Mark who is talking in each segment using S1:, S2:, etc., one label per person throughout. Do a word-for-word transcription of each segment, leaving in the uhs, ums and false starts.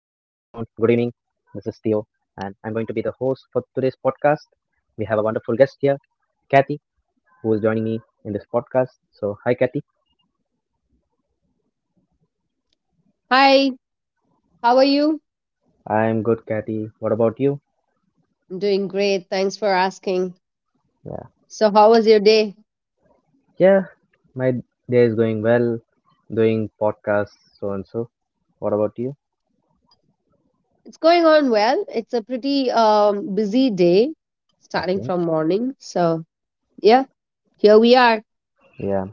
S1: I'm going to be the host for today's podcast. We have a wonderful guest here, Kathy, who is joining me in this podcast. So, hi, Kathy.
S2: Hi, how are you?
S1: I'm good, Kathy. What about you?
S2: I'm doing great. Thanks for asking.
S1: Yeah.
S2: So, how was your day?
S1: Yeah, my day is going well, doing podcasts, so and so. What about you?
S2: It's going on well. It's a pretty um, busy day starting
S1: Okay.
S2: from morning. So, yeah, here we are.
S1: Yeah.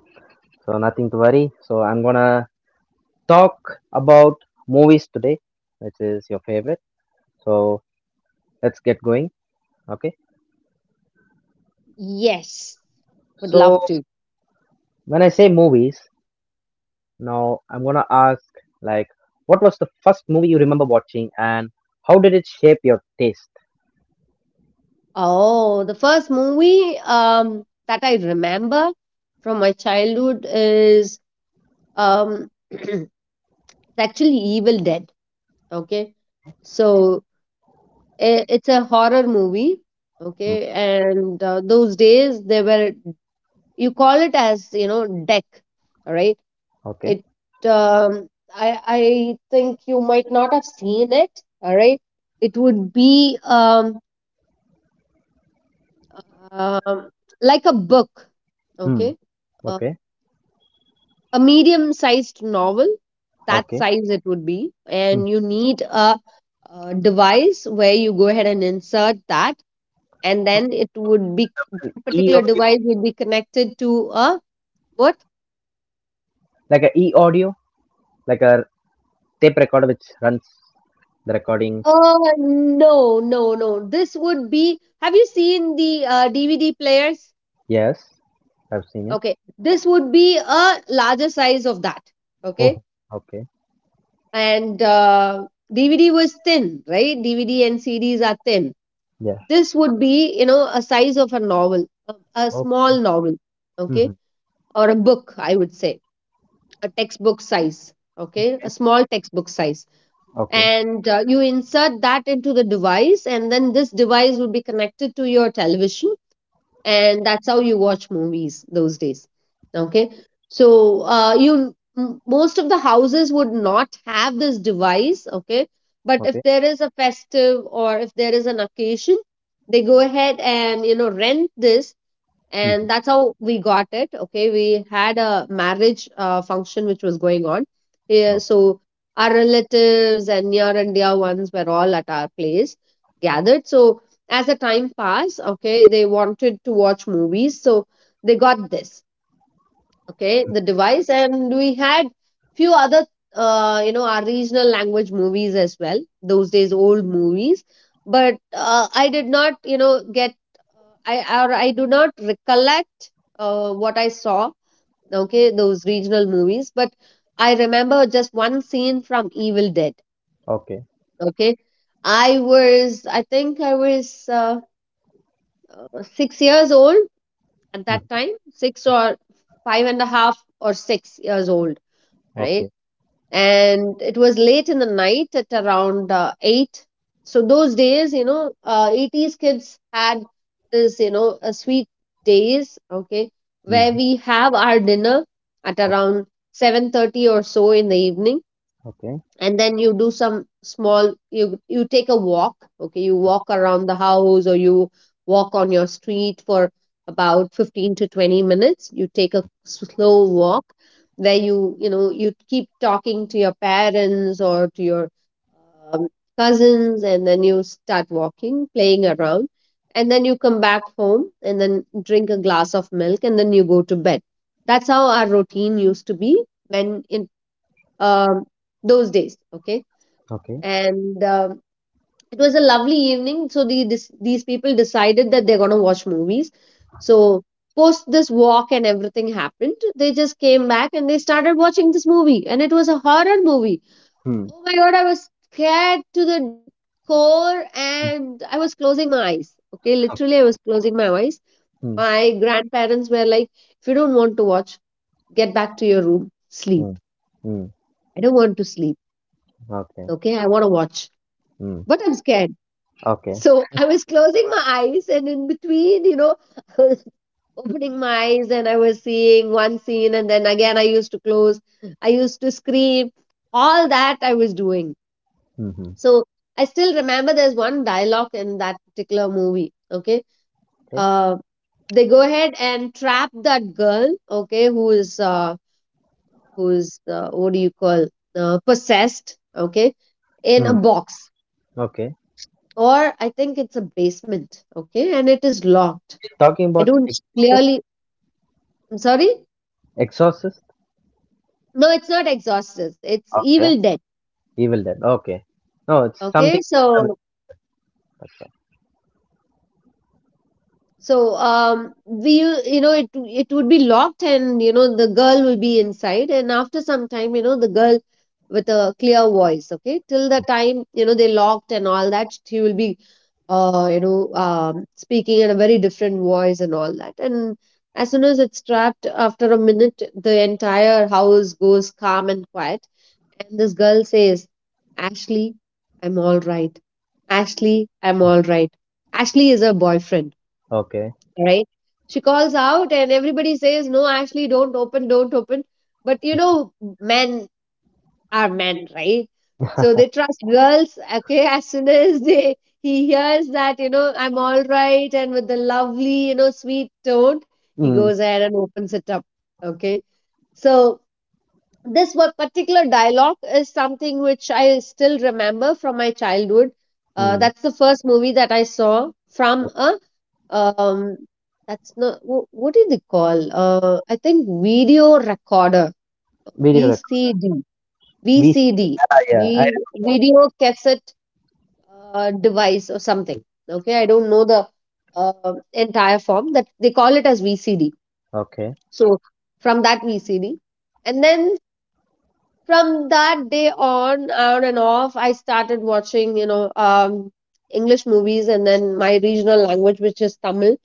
S1: So, nothing to worry. So, I'm gonna talk about movies today, which is your favorite. So, let's get going. Okay.
S2: Yes, would love
S1: So
S2: to.
S1: when I say movies, now I'm gonna ask like, what was the first movie you remember watching, and how did it shape your taste?
S2: Oh, the first movie um, that I remember from my childhood is um, it's actually Evil Dead. Okay. So, I- it's a horror movie, okay,
S1: Hmm.
S2: and uh, those days they were, you call it as, you know, deck, all right, it
S1: Okay.
S2: um, i i think you might not have seen it. All right, it would be um, um like a book, okay,
S1: Hmm.
S2: uh,
S1: Okay.
S2: a medium sized novel, that size it would
S1: Okay.
S2: be, and you need
S1: Hmm.
S2: a, a device where you go ahead and insert that, and then it would be, that particular
S1: An
S2: device
S1: e
S2: would be
S1: audio,
S2: connected to a what.
S1: like a e audio, like a tape recorder which runs the recording.
S2: Uh no, no, no, this would be, have you seen the uh, dvd players?
S1: Yes, I've seen it.
S2: Okay, this would be a larger size of that. Okay,
S1: Oh, okay.
S2: and uh, dvd was thin, right? Dvd and cds are thin.
S1: Yeah.
S2: This would be, you know, a size of a novel, a, a
S1: Oh,
S2: small novel, okay,
S1: mm-hmm,
S2: or a book, I would say, a textbook size, okay, a
S1: okay.
S2: small textbook size.
S1: Okay.
S2: And uh, you insert that into the device, and then this device will be connected to your television, and that's how you watch movies those days. Okay, so uh, you m- most of the houses would not have this device. Okay, but if
S1: Okay.
S2: there is a festive or if there is an occasion, they go ahead and, you know, rent this,
S1: Hmm.
S2: and that's how we got it. Okay, we had a marriage uh, function which was going on here,
S1: Okay.
S2: so our relatives and near and dear ones were all at our place gathered. So as the time passed, okay, they wanted to watch movies, so they got this, okay, the device. And we had few other uh, you know, our regional language movies as well, those days, old movies. But uh, I did not, you know, get uh, I or I do not recollect uh, what I saw, okay, those regional movies. But I remember just one scene from evil dead.
S1: Okay.
S2: Okay, i was i think i was uh, six years old at that
S1: Hmm.
S2: time, six or five and a half or six years old, right?
S1: Okay.
S2: And it was late in the night at around uh, eight. So those days, you know, uh, eighties kids had this, you know, a sweet days, okay, where
S1: Mm-hmm.
S2: we have our dinner at around seven thirty or so in the evening.
S1: Okay.
S2: And then you do some small, you you take a walk. Okay, you walk around the house or you walk on your street for about fifteen to twenty minutes. You take a slow walk where you you know, you keep talking to your parents or to your um, cousins, and then you start walking, playing around, and then you come back home and then drink a glass of milk and then you go to bed. That's how our routine used to be when in um, those days. Okay,
S1: Okay.
S2: and um, it was a lovely evening. So the this, these people decided that they're gonna watch movies. So post this walk and everything happened, they just came back and they started watching this movie, and it was a horror movie.
S1: Hmm.
S2: Oh my god, I was scared to the core, and I was closing my eyes. Okay, literally, I was closing my eyes.
S1: Hmm.
S2: My grandparents were like, "If you don't want to watch, get back to your room, sleep.
S1: Hmm. Hmm.
S2: I don't want to sleep.
S1: Okay.
S2: Okay, I want to watch."
S1: Hmm.
S2: But I'm scared.
S1: Okay.
S2: So I was closing my eyes, and in between, you know, I was opening my eyes, and I was seeing one scene, and then again I used to close. I used to scream. All that I was doing.
S1: Hmm.
S2: So I still remember there's one dialogue in that particular movie. Okay,
S1: Okay.
S2: uh, they go ahead and trap that girl. Okay, who is uh, who is uh, what do you call, uh, possessed? Okay, in a
S1: Hmm.
S2: box,
S1: Okay.
S2: or I think it's a basement. Okay, and it is locked.
S1: Talking
S2: I
S1: about
S2: don't
S1: exorcist.
S2: clearly. I'm sorry.
S1: Exorcist.
S2: No, it's not Exorcist. It's
S1: Okay.
S2: Evil Dead.
S1: Evil Dead. Okay. No, it's
S2: Okay,
S1: something similar with—
S2: so so um we u- you know, it it would be locked, and you know, the girl will be inside, and after some time, you know, the girl with a clear voice. Okay, till the time, you know, they locked and all that, she will be uh you know, um speaking in a very different voice and all that. And as soon as it's trapped, after a minute the entire house goes calm and quiet. And this girl says, Ashley, I'm all right. Ashley, I'm all right. Ashley is her boyfriend,
S1: Okay.
S2: right? She calls out, and everybody says, No, Ashley, don't open, don't open. But you know, men are men, right? So they trust girls. Okay, as soon as they he hears that, you know, I'm all right, and with the lovely, you know, sweet tone, he
S1: Hmm.
S2: goes ahead and opens it up. Okay. So this one particular dialogue is something which I still remember from my childhood. Uh,
S1: Hmm.
S2: that's the first movie that I saw from a um, that's not wh- what do they call? Uh, I think video recorder,
S1: Video record.
S2: V C D,
S1: We. Yeah.
S2: V C D, V C D,
S1: yeah I,
S2: V video cassette uh, device or something. Okay, I don't know the uh, entire form that they call it as V C D.
S1: okay.
S2: So from that V C D, and then from that day on on and off, I started watching, you know, um english movies, and then my regional language, which is tamil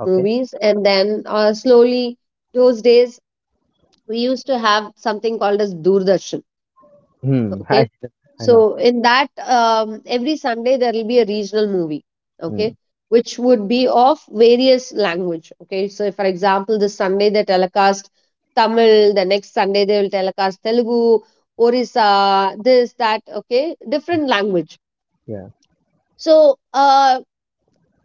S1: Okay.
S2: movies, and then uh, slowly, those days we used to have something called as doordarshan.
S1: Hmm.
S2: Okay,
S1: I. I know.
S2: so in that, um, every sunday there will be a regional movie, okay,
S1: Hmm.
S2: which would be of various language. Okay, so if, for example, this sunday they telecast tamil, the next sunday they will telecast telugu, orissa, this that, okay, different language.
S1: Yeah.
S2: So uh,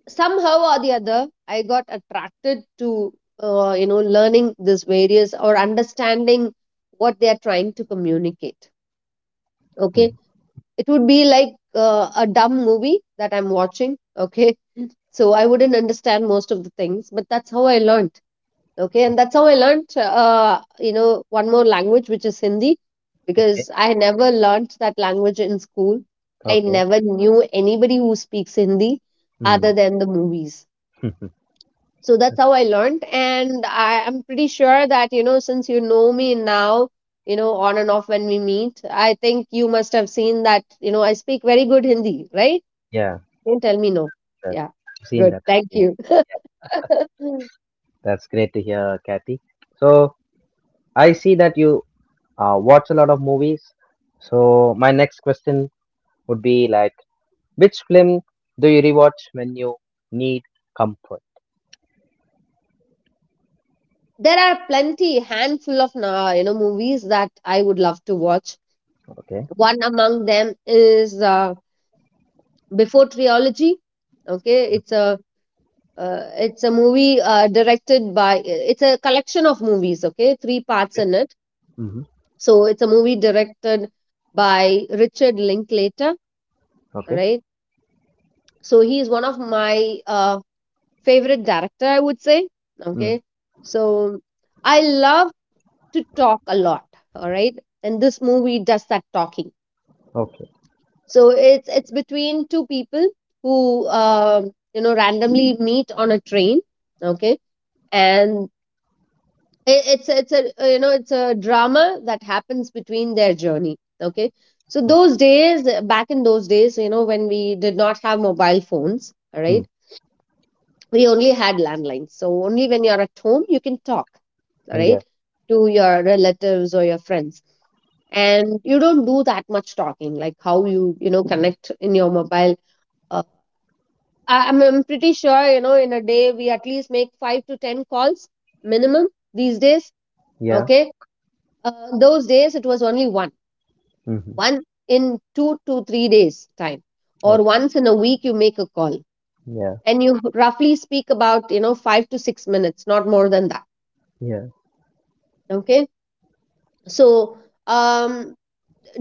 S2: somehow or the other, I got attracted to uh, you know, learning this various or understanding what they are trying to communicate.
S1: Hmm.
S2: Okay, it would be like uh, a dumb movie that I'm watching. Okay. So I wouldn't understand most of the things, but that's how I learned. Okay. And that's how I learned, uh, you know, one more language, which is Hindi,
S1: Okay.
S2: because I never learned that language in school. I
S1: Okay.
S2: never knew anybody who speaks Hindi
S1: Hmm.
S2: other than the movies. So that's how I learned. And I am pretty sure that, you know, since you know me now, you know, on and off when we meet, I think you must have seen that, you know, I speak very good hindi, right?
S1: yeah.
S2: Don't tell me no.
S1: That.
S2: Yeah,
S1: I've seen
S2: good,
S1: that. I've
S2: thank
S1: seen—
S2: you.
S1: That's great to hear, Kathy. So I see that you uh, watch a lot of movies. So my next question would be like, which film do you rewatch when you need comfort?
S2: There are plenty handful of uh, you know, movies that I would love to watch.
S1: Okay.
S2: One among them is uh, before trilogy. Okay, it's a uh, it's a movie uh, directed by, it's a collection of movies, okay, three parts
S1: Okay.
S2: in it.
S1: Mm-hmm.
S2: So it's a movie directed by Richard Linklater,
S1: Okay.
S2: right? So he is one of my uh, favorite director, I would say.
S1: Mm.
S2: Okay, so I love to talk a lot. All right, and this movie does that talking.
S1: Okay.
S2: So it's it's between two people who um, you know, randomly meet on a train. Okay, and it, it's a- it's a uh, you know, it's a drama that happens between their journey. Okay, so
S1: Okay.
S2: those days, uh, back in those days, you know, when we did not have mobile phones, all right,
S1: Mm.
S2: we only had landlines, so only when you're at home you can talk, all
S1: Yeah.
S2: right, to your relatives or your friends. And you don't do that much talking like how you, you know, connect in your mobile. uh, I, I'm, I'm pretty sure, you know, in a day we at least make five to ten calls minimum these days.
S1: Yeah.
S2: Okay, uh, those days, it was only one,
S1: Mm-hmm.
S2: one in two to three days time, or
S1: Okay.
S2: once in a week you make a call,
S1: Yeah.
S2: and you roughly speak about, you know, five to six minutes, not more than that.
S1: Yeah.
S2: Okay, so um,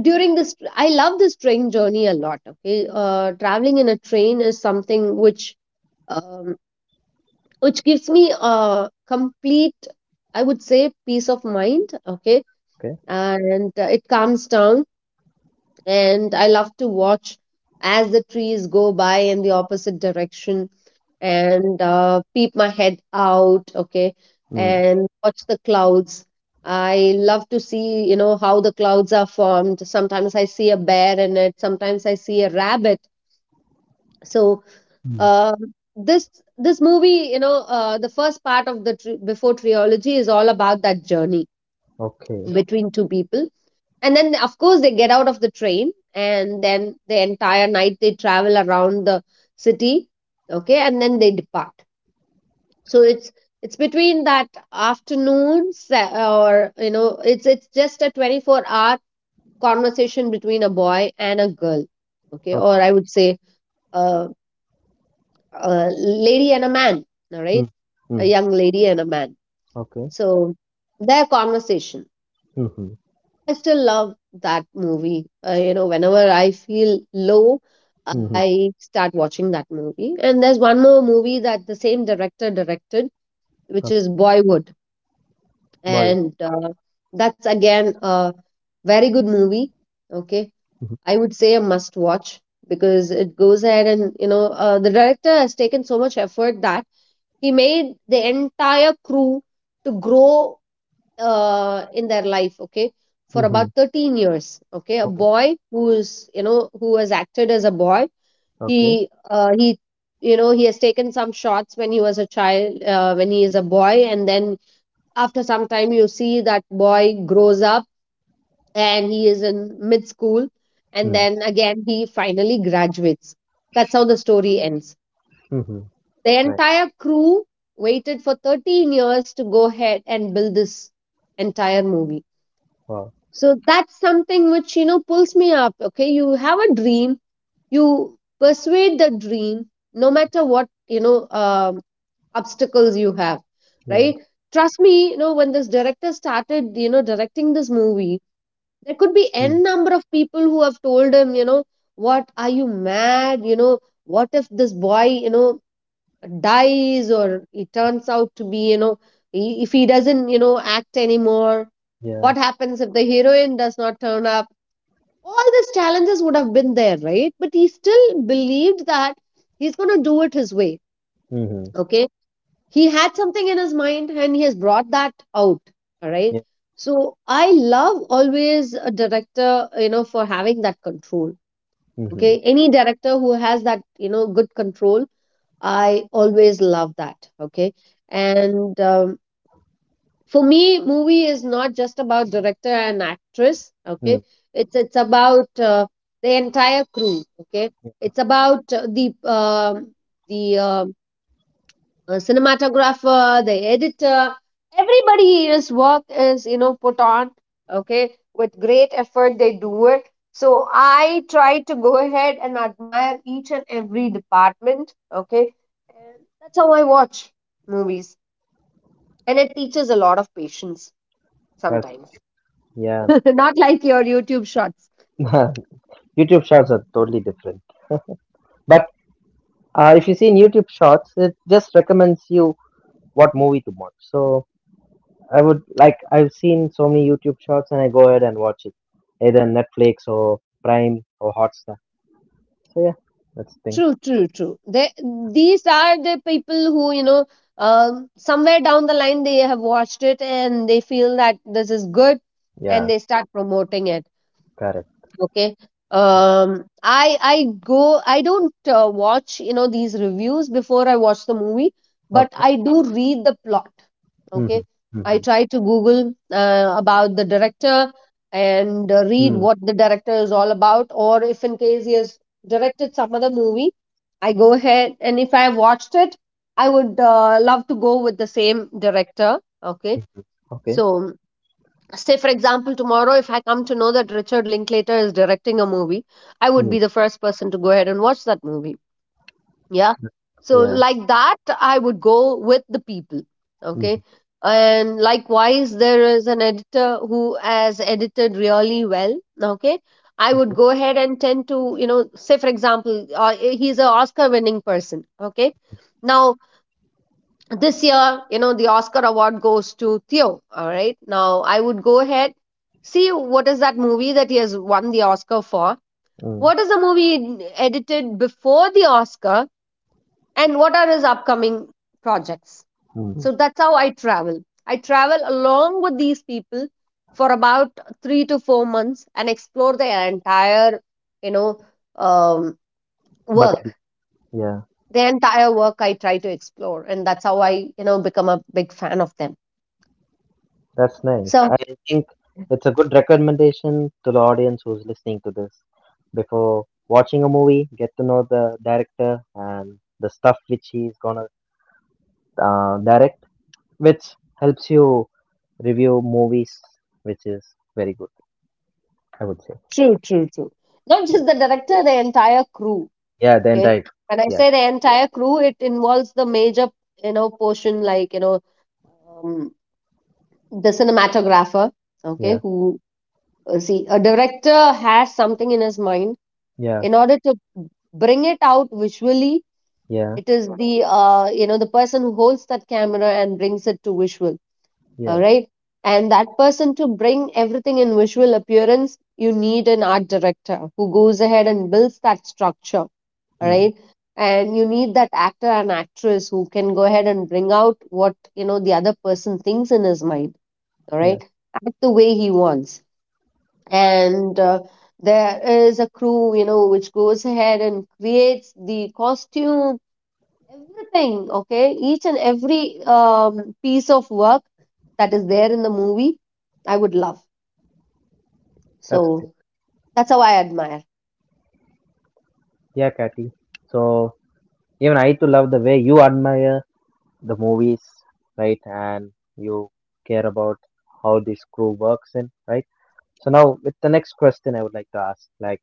S2: during this, I love this train journey a lot. Okay, uh, traveling in a train is something which um, which gives me a complete, I would say, peace of mind. Okay,
S1: Okay.
S2: and uh, it calms down, and I love to watch as the trees go by in the opposite direction, and uh, peep my head out, okay,
S1: Mm.
S2: and watch the clouds. I love to see, you know, how the clouds are formed. Sometimes I see a bear in it, sometimes I see a rabbit. So,
S1: Mm.
S2: uh, this this movie, you know, uh, the first part of the tri- before trilogy is all about that journey
S1: Okay.
S2: between two people. And then of course they get out of the train, and then the entire night they travel around the city. Okay, and then they depart. So it's it's between that afternoon se- or you know it's it's just a twenty-four hour conversation between a boy and a girl. Okay,
S1: Okay.
S2: or I would say uh, a lady and a man. All
S1: Mm.
S2: right, a
S1: Mm.
S2: young lady and a man.
S1: Okay.
S2: So their conversation,
S1: Mm-hmm.
S2: I still love that movie. Uh, you know, whenever I feel low,
S1: Mm-hmm.
S2: I start watching that movie. And there's one more movie that the same director directed, which
S1: Okay.
S2: is Boyhood.
S1: Boy.
S2: And uh, that's again a very good movie.
S1: Mm-hmm.
S2: Okay, I would say a must watch because it goes ahead, and, you know, uh, the director has taken so much effort that he made the entire crew to grow uh, in their life. Okay, for about
S1: Mm-hmm.
S2: thirteen years. Okay, a
S1: Oh.
S2: boy who is you know who has acted as a boy.
S1: Okay.
S2: He uh, he you know he has taken some shots when he was a child, uh, when he is a boy, and then after some time you see that boy grows up and he is in mid school, and
S1: Mm.
S2: then again he finally graduates. That's how the story ends.
S1: Mm-hmm.
S2: The
S1: Nice.
S2: entire crew waited for thirteen years to go ahead and build this entire movie.
S1: Wow.
S2: So that's something which, you know, pulls me up. Okay, you have a dream, you persuade the dream, no matter what, you know, um, obstacles you have,
S1: Yeah.
S2: right? Trust me, you know, when this director started, you know, directing this movie,
S1: Mm.
S2: there could be n number of people who have told him, you know, what, are you mad? You know, what if this boy, you know, dies, or he turns out to be, you know, i- if he doesn't, you know, act anymore?
S1: Yeah.
S2: What happens if the heroine does not turn up? All these challenges would have been there, right? But he still believed that he's going to do it his way.
S1: Mm-hmm.
S2: Okay. He had something in his mind and he has brought that out. All right.
S1: Yeah.
S2: So I love always a director, you know, for having that control.
S1: Mm-hmm.
S2: Okay. Any director who has that, you know, good control, I always love that. Okay. And, um, for me movie is not just about director and actress. Okay,
S1: Mm.
S2: it's it's about uh, the entire crew. Okay, it's about uh, the um the um uh, cinematographer, the editor. Everybody's work is, you know, put on. Okay, with great effort they do it. So I try to go ahead and admire each and every department. Okay, and that's how I watch movies, and it teaches a lot of patience
S1: That's,
S2: sometimes.
S1: yeah.
S2: Not like your YouTube shorts.
S1: YouTube Shorts are totally different. But uh, if you see in YouTube Shorts, it just recommends you what movie to watch. So I would like I've seen so many YouTube Shorts, and I go ahead and watch it, either Netflix or Prime or Hotstar. So yeah, that's the thing.
S2: True, true, true. They, these are the people who, you know, um, somewhere down the line they have watched it and they feel that this is good, and
S1: Yeah,
S2: they start promoting it.
S1: correct.
S2: Okay. Um, I I go I don't uh, watch, you know, these reviews before I watch the movie, but
S1: Okay.
S2: I do read the plot. Okay,
S1: Mm-hmm.
S2: I
S1: Mm-hmm.
S2: try to google uh, about the director,
S1: Mm.
S2: and uh, read what the director is all about, or if in case he has directed some other movie, I go ahead, and if I watched it, I would uh, love to go with the same director. Okay.
S1: Okay.
S2: So say for example, tomorrow if I come to know that Richard Linklater is directing a movie, I would
S1: Mm.
S2: be the first person to go ahead and watch that movie. Yeah. So
S1: Yeah.
S2: like that I would go with the people.
S1: Mm-hmm.
S2: Okay. And likewise, there is an editor who has edited really well. Okay. I would
S1: Okay.
S2: go ahead and tend to, you know, say for example, uh, he's an Oscar winning person. Okay, now this year, you know, the Oscar award goes to Theo. All right, now I would go ahead, see what is that movie that he has won the Oscar for,
S1: Mm-hmm.
S2: what is the movie edited before the Oscar, and what are his upcoming projects.
S1: Mm-hmm.
S2: So that's how I travel. I travel along with these people for about three to four months and explore their entire, you know, um,
S1: Bucket.
S2: work.
S1: Yeah.
S2: Their entire work I try to explore, and that's how I, you know, become a big fan of them.
S1: That's nice.
S2: So
S1: I think it's a good recommendation to the audience who's listening to this. Before watching a movie, get to know the director and the stuff which he's gonna uh, direct, which helps you review movies, which is very good, I would say.
S2: true, true, true. Not
S1: Yeah,
S2: just the director, the entire crew.
S1: yeah, the
S2: Okay,
S1: entire.
S2: when I
S1: Yeah,
S2: say the entire crew, it involves the major, you know, portion like, you know, um, the cinematographer. Okay,
S1: yeah,
S2: who uh, see, a director has something in his mind.
S1: yeah,
S2: In order to bring it out visually,
S1: yeah,
S2: it is the uh, you know, the person who holds that camera and brings it to visual. All
S1: yes.
S2: right. And that person, to bring everything in visual appearance, you need an art director who goes ahead and builds that structure. All
S1: Hmm.
S2: right. And you need that actor and actress who can go ahead and bring out what, you know, the other person thinks in his mind. All
S1: Yes,
S2: right, act the way he wants. And uh, there is a crew, you know, which goes ahead and creates the costume, everything. Okay, each and every um, piece of work that is there in the movie, I would love.
S1: that's great.
S2: So that's how I admire.
S1: Yeah, Kathy. So even I too love the way you admire the movies, right? And you care about how this crew works in, right? So now with the next question I would like to ask, like,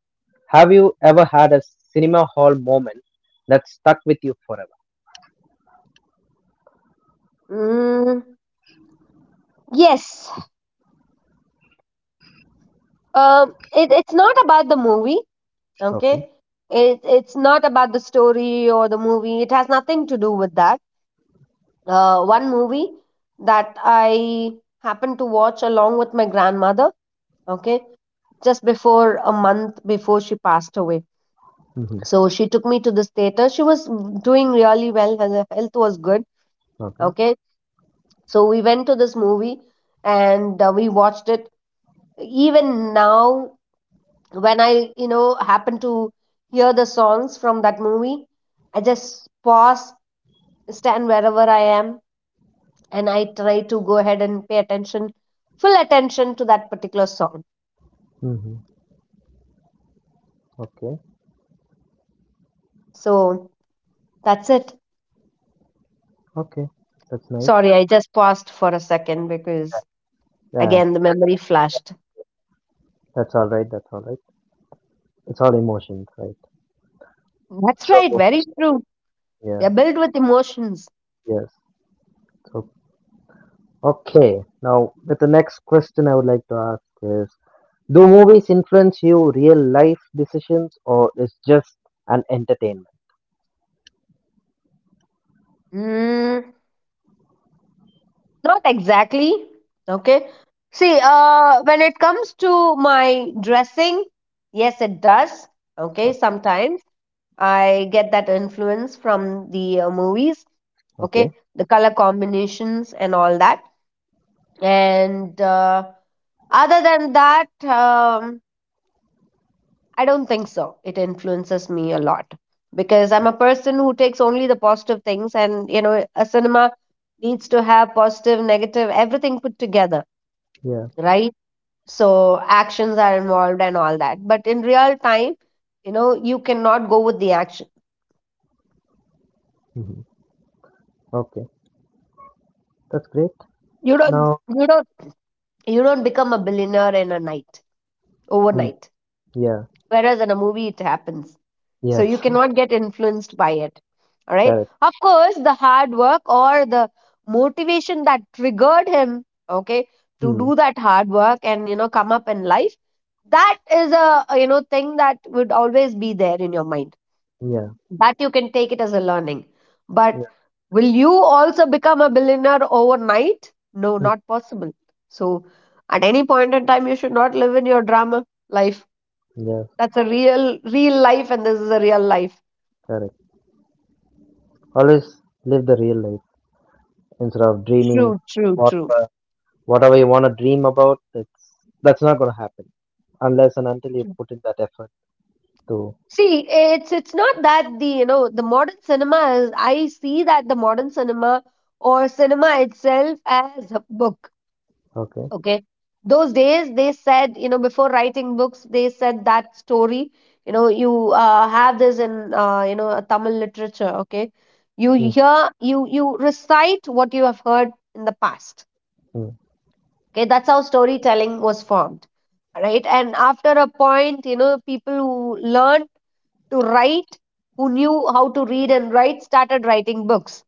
S1: have you ever had a cinema hall moment that stuck with you forever?
S2: Mm, yes. Um, it, it's not about the movie.
S1: Okay.
S2: Okay, it, it's not about the story or the movie, it has nothing to do with that. Uh, one movie that I happened to watch along with my grandmother, okay, just before a month before she passed away.
S1: Mm-hmm.
S2: So she took me to this theater. She was doing really well. Her health was good,
S1: Okay.
S2: okay. So we went to this movie and uh, we watched it. Even now, when I, you know, happen to hear the songs from that movie, I just pause, stand wherever I am, and I try to go ahead and pay attention, full attention to that particular song.
S1: Mm-hmm. Okay.
S2: So that's it.
S1: Okay. That's nice.
S2: Sorry, I just paused for a second because
S1: Yeah,
S2: again the memory flashed.
S1: that's all right. That's all right. It's all emotions, right?
S2: That's
S1: So,
S2: right, very true. We
S1: yeah,
S2: are built with emotions.
S1: yes. So, okay. Now, with the next question I would like to ask is, do movies influence you real life decisions or is just an entertainment?
S2: Mm, not exactly. Okay. See, uh, when it comes to my dressing, yes, it does. Okay,
S1: O—
S2: sometimes I get that influence from the uh, movies. Okay,
S1: okay.
S2: the color combinations and all that. And uh, other than that, um, I don't think so. It influences me a lot because I'm a person who takes only the positive things, and you know, a cinema needs to have positive, negative, everything put together,
S1: Yeah.
S2: right? So actions are involved and all that. But in real time, you know, you cannot go with the action.
S1: Hmm. Okay. That's great.
S2: You
S1: Now,
S2: don't, you don't, you don't become a billionaire in a night,
S1: mm,
S2: overnight,
S1: yeah.
S2: whereas in a movie it happens. So you
S1: Yes.
S2: cannot get influenced by it. All right,
S1: Correct.
S2: of course the hard work or the motivation that triggered him, okay, to
S1: Mm.
S2: do that hard work and, you know, come up in life, that is a, you know, thing that would always be there in your mind,
S1: Yeah.
S2: that you can take it as a learning. But
S1: Yeah.
S2: will you also become a billionaire overnight? No,
S1: Mm.
S2: not possible. So at any point in time you should not live in your drama life.
S1: Yes.
S2: That's a real, real life, and this is a real life.
S1: Correct. Always live the real life instead of dreaming
S2: True, true, true.
S1: whatever whatever you want to dream about. It's that's not gonna happen unless and until you
S2: True.
S1: put in that effort to.
S2: See, it's it's not that the, you know, the modern cinema is. I see that the modern cinema or cinema itself as a book.
S1: Okay.
S2: Okay, those days they said, you know, before writing books, they said that story. You know, you uh, have this in uh, you know, a Tamil literature. Okay, you
S1: Mm.
S2: hear, you you recite what you have heard in the past.
S1: Mm.
S2: Okay, that's how storytelling was formed, right? And after a point, you know, people who learned to write, who knew how to read and write, started writing books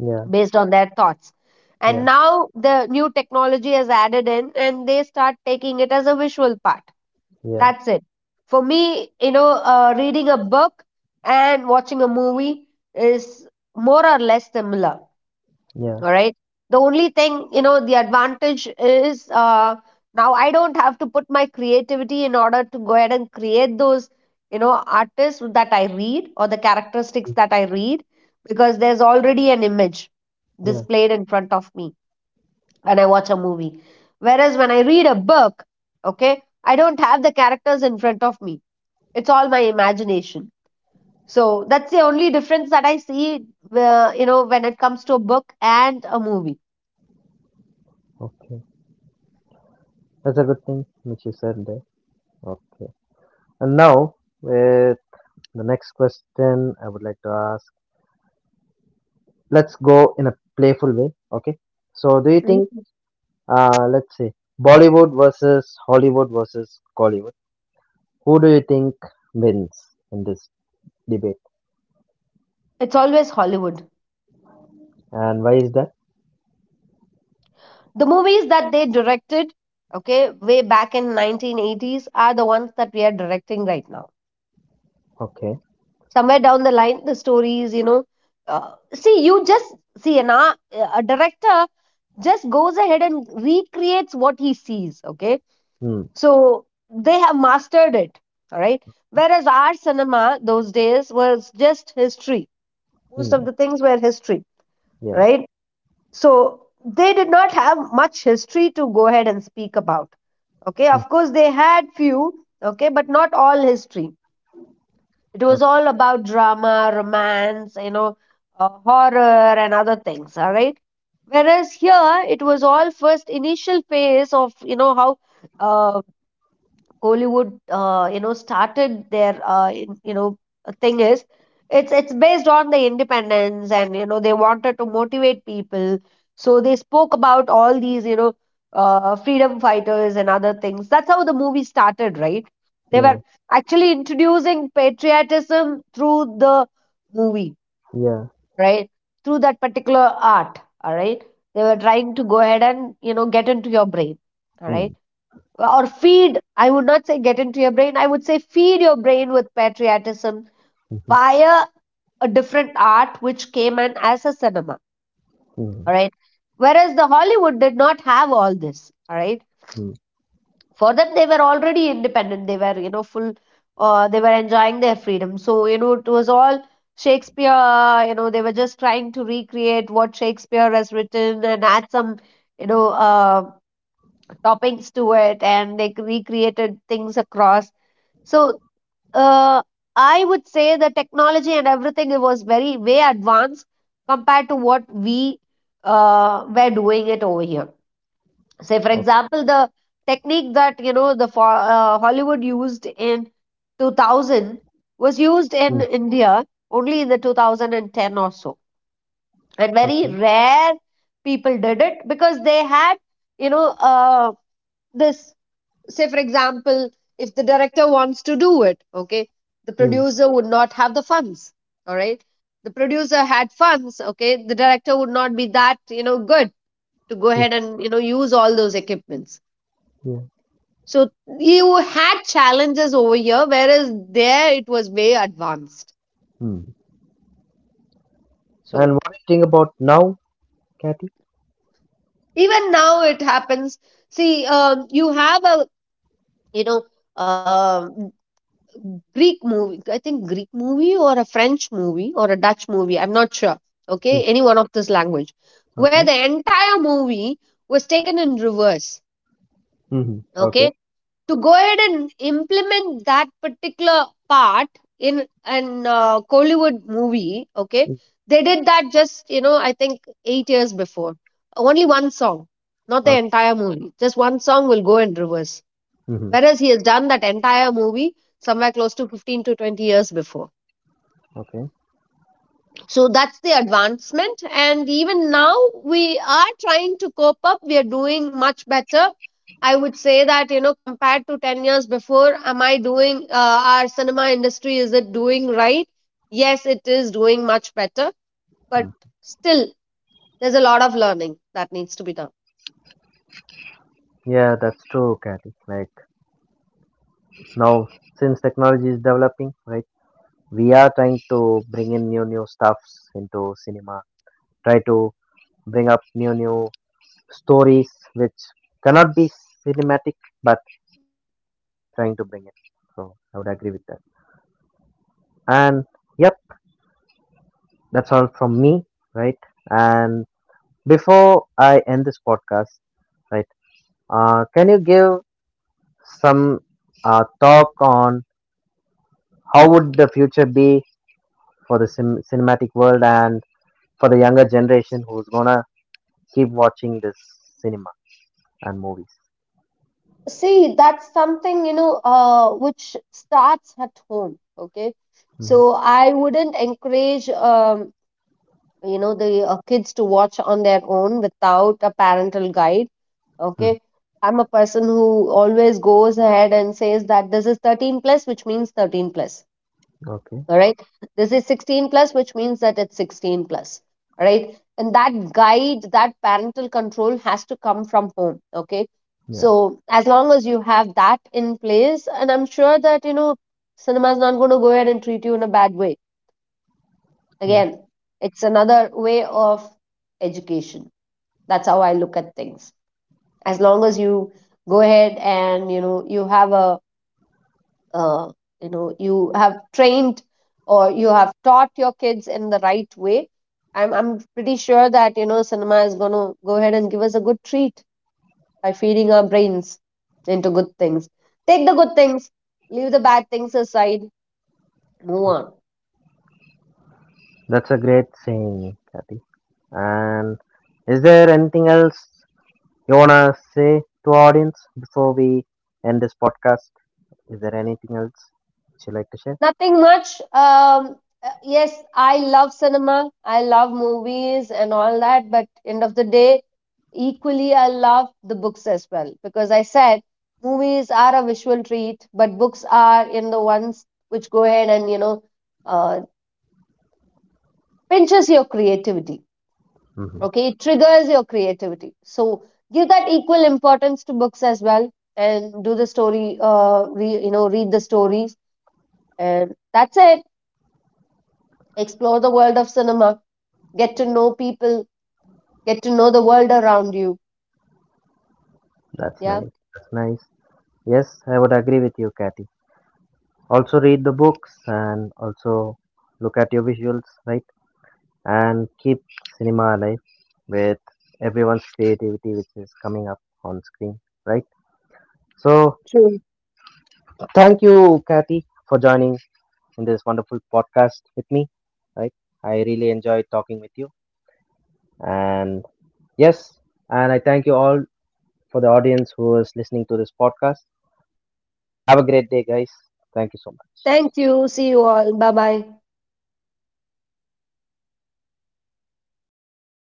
S1: Yeah.
S2: based on their thoughts. And
S1: Yeah.
S2: now the new technology has added in and they start taking it as a visual part.
S1: Yeah.
S2: That's it. For me, you know, uh, reading a book and watching a movie is more or less similar.
S1: Yeah.
S2: All right, the only thing, you know, the advantage is, uh, now I don't have to put my creativity in order to go ahead and create those, you know, artists that I read, or the characteristics
S1: Mm.
S2: that I read, because there's already an image
S1: Yeah.
S2: displayed in front of me when I watch a movie. Whereas when I read a book, okay, I don't have the characters in front of me, it's all my imagination. So that's the only difference that I see, uh, you know, when it comes to a book and a movie.
S1: Okay. That's a good thing which you said there. Okay. And now with the next question I would like to ask, let's go in a playful way. Okay. So do you think, uh let's say, Bollywood versus Hollywood versus Collywood? Who do you think wins in this debate?
S2: It's always Hollywood.
S1: And why is that?
S2: The movies that they directed, okay, way back in nineteen eighties are the ones that we are directing right now.
S1: Okay.
S2: Somewhere down the line, the stories, you know, uh, see, you just see an ar- a director just goes ahead and recreates what he sees, okay?
S1: Hmm.
S2: So they have mastered it, all right? Whereas our cinema those days was just history. Most
S1: Hmm.
S2: of the things were history,
S1: Yeah.
S2: right? So they did not have much history to go ahead and speak about. Okay
S1: Hmm.
S2: of course they had few, okay, but not all history. It was
S1: Okay.
S2: all about drama, romance, you know, uh, horror and other things, all right? Whereas here it was all first initial phase of, you know, how uh, Hollywood, uh, you know, started their, uh, in- you know, thing is, it's it's based on the independence, and you know they wanted to motivate people, so they spoke about all these, you know, uh, freedom fighters and other things. That's how the movie started, right? They were
S1: Yeah.
S2: actually introducing patriotism through the movie,
S1: Yeah.
S2: right? Through that particular art, all right? They were trying to go ahead and, you know, get into your brain, all right?
S1: Hmm.
S2: Or feed, I would not say get into your brain, I would say feed your brain with patriotism
S1: Hmm.
S2: via a different art which came in as a cinema,
S1: Hmm.
S2: all right? Whereas the Hollywood did not have all this, all right?
S1: Hmm.
S2: For them, they were already independent, they were, you know, full, uh, they were enjoying their freedom, so you know it was all Shakespeare. You know they were just trying to recreate what Shakespeare has written and add some, you know uh, toppings to it, and they recreated things across. So uh, I would say the technology and everything, it was very way advanced compared to what we uh, were doing it over here. Say, for
S1: Hmm. Okay.
S2: example, the technique that, you know, the for, uh, Hollywood used in two thousand was
S1: Hmm.
S2: used in India only in the twenty ten or so, and
S1: Okay.
S2: very rare people did it because they had, you know uh, this, say for example, if the director wants to do it, okay, the
S1: Hmm.
S2: producer would not have the funds, all right? The producer had funds, okay, the director would not be that, you know, good to go
S1: Hmm.
S2: ahead and you know use all those equipments.
S1: Yeah.
S2: So you had challenges over here, whereas there it was way advanced.
S1: Hmm. And
S2: So
S1: what do you think about now, Kathy?
S2: even now it happens. See, um, you have a, you know, um Greek movie, I think Greek movie or a French movie or a Dutch movie, I'm not sure.
S1: Mm,
S2: Okay, any one of this language, where
S1: okay.
S2: the entire movie was taken in reverse.
S1: Mm-hmm. Okay.
S2: Okay, to go ahead and implement that particular part in an uh, Kollywood movie. Okay,
S1: Mm,
S2: they did that just, you know, I think eight years before. Only one song, not the
S1: okay.
S2: entire movie. Just one song will go in reverse.
S1: Hmm.
S2: Whereas he has done that entire movie somewhere close to fifteen to twenty years before.
S1: Okay.
S2: So that's the advancement. And even now we are trying to cope up, we are doing much better, I would say, that you know compared to ten years before. Am I doing, uh, our cinema industry, is it doing right? Yes, it is doing much better, but
S1: Mm.
S2: still, there's a lot of learning that needs to be done.
S1: Yeah, that's true, Kathy. Like now, since technology is developing, right? We are trying to bring in new new stuffs into cinema. Try to bring up new new stories which cannot be cinematic, but they are trying to bring it. So I would agree with that. And yep, that's all from me, right? And before I end this podcast, right? Uh, can you give some uh, talk on how would the future be for the cin- cinematic world and for the younger generation who's gonna keep watching this cinema and movies.
S2: See, that's something, you know, uh, which starts at home, okay? So
S1: Hmm.
S2: I wouldn't encourage, um, you know, the uh, kids to watch on their own without a parental guide,
S1: Hmm.
S2: okay? I'm a person who always goes ahead and says that this is thirteen plus, which means thirteen plus,
S1: Okay.
S2: all right? This is sixteen plus, which means that it's sixteen plus, all right? And that guide, that parental control, has to come from home, okay?
S1: Yeah.
S2: So as long as you have that in place, and I'm sure that you know cinema is not going to go ahead and treat you in a bad way.
S1: Yeah.
S2: Again, it's another way of education. That's how I look at things. As long as you go ahead and, you know, you have a, uh, you know, you have trained or you have taught your kids in the right way, i'm i'm pretty sure that you know cinema is going to go ahead and give us a good treat by feeding our brains into good things. Take the good things, leave the bad things aside, move
S1: Okay.
S2: on.
S1: That's a great saying, Kathy. And is there anything else you wanna say to audience before we end this podcast? Is there anything else you like to share?
S2: Nothing much. Um, uh, yes, I love cinema, I love movies and all that. But end of the day, equally, I love the books as well, because I said movies are a visual treat, but books are in the ones which go ahead and, you know uh, pinches your creativity.
S1: Hmm.
S2: Okay, it triggers your creativity. So give that equal importance to books as well, and do the story. Uh, re, you know, read the stories, and that's it. Explore the world of cinema, get to know people, get to know the world around you.
S1: That's
S2: Yeah.
S1: nice. That's nice. Yes, I would agree with you, Kathy. Also read the books and also look at your visuals, right, and keep cinema alive with everyone's creativity which is coming up on screen, right? So
S2: True.
S1: thank you, Kathy, for joining in this wonderful podcast with me, right? I really enjoyed talking with you. And yes, and I thank you all for the audience who is listening to this podcast. Have a great day, guys. Thank you so much.
S2: Thank you, see you all, bye bye.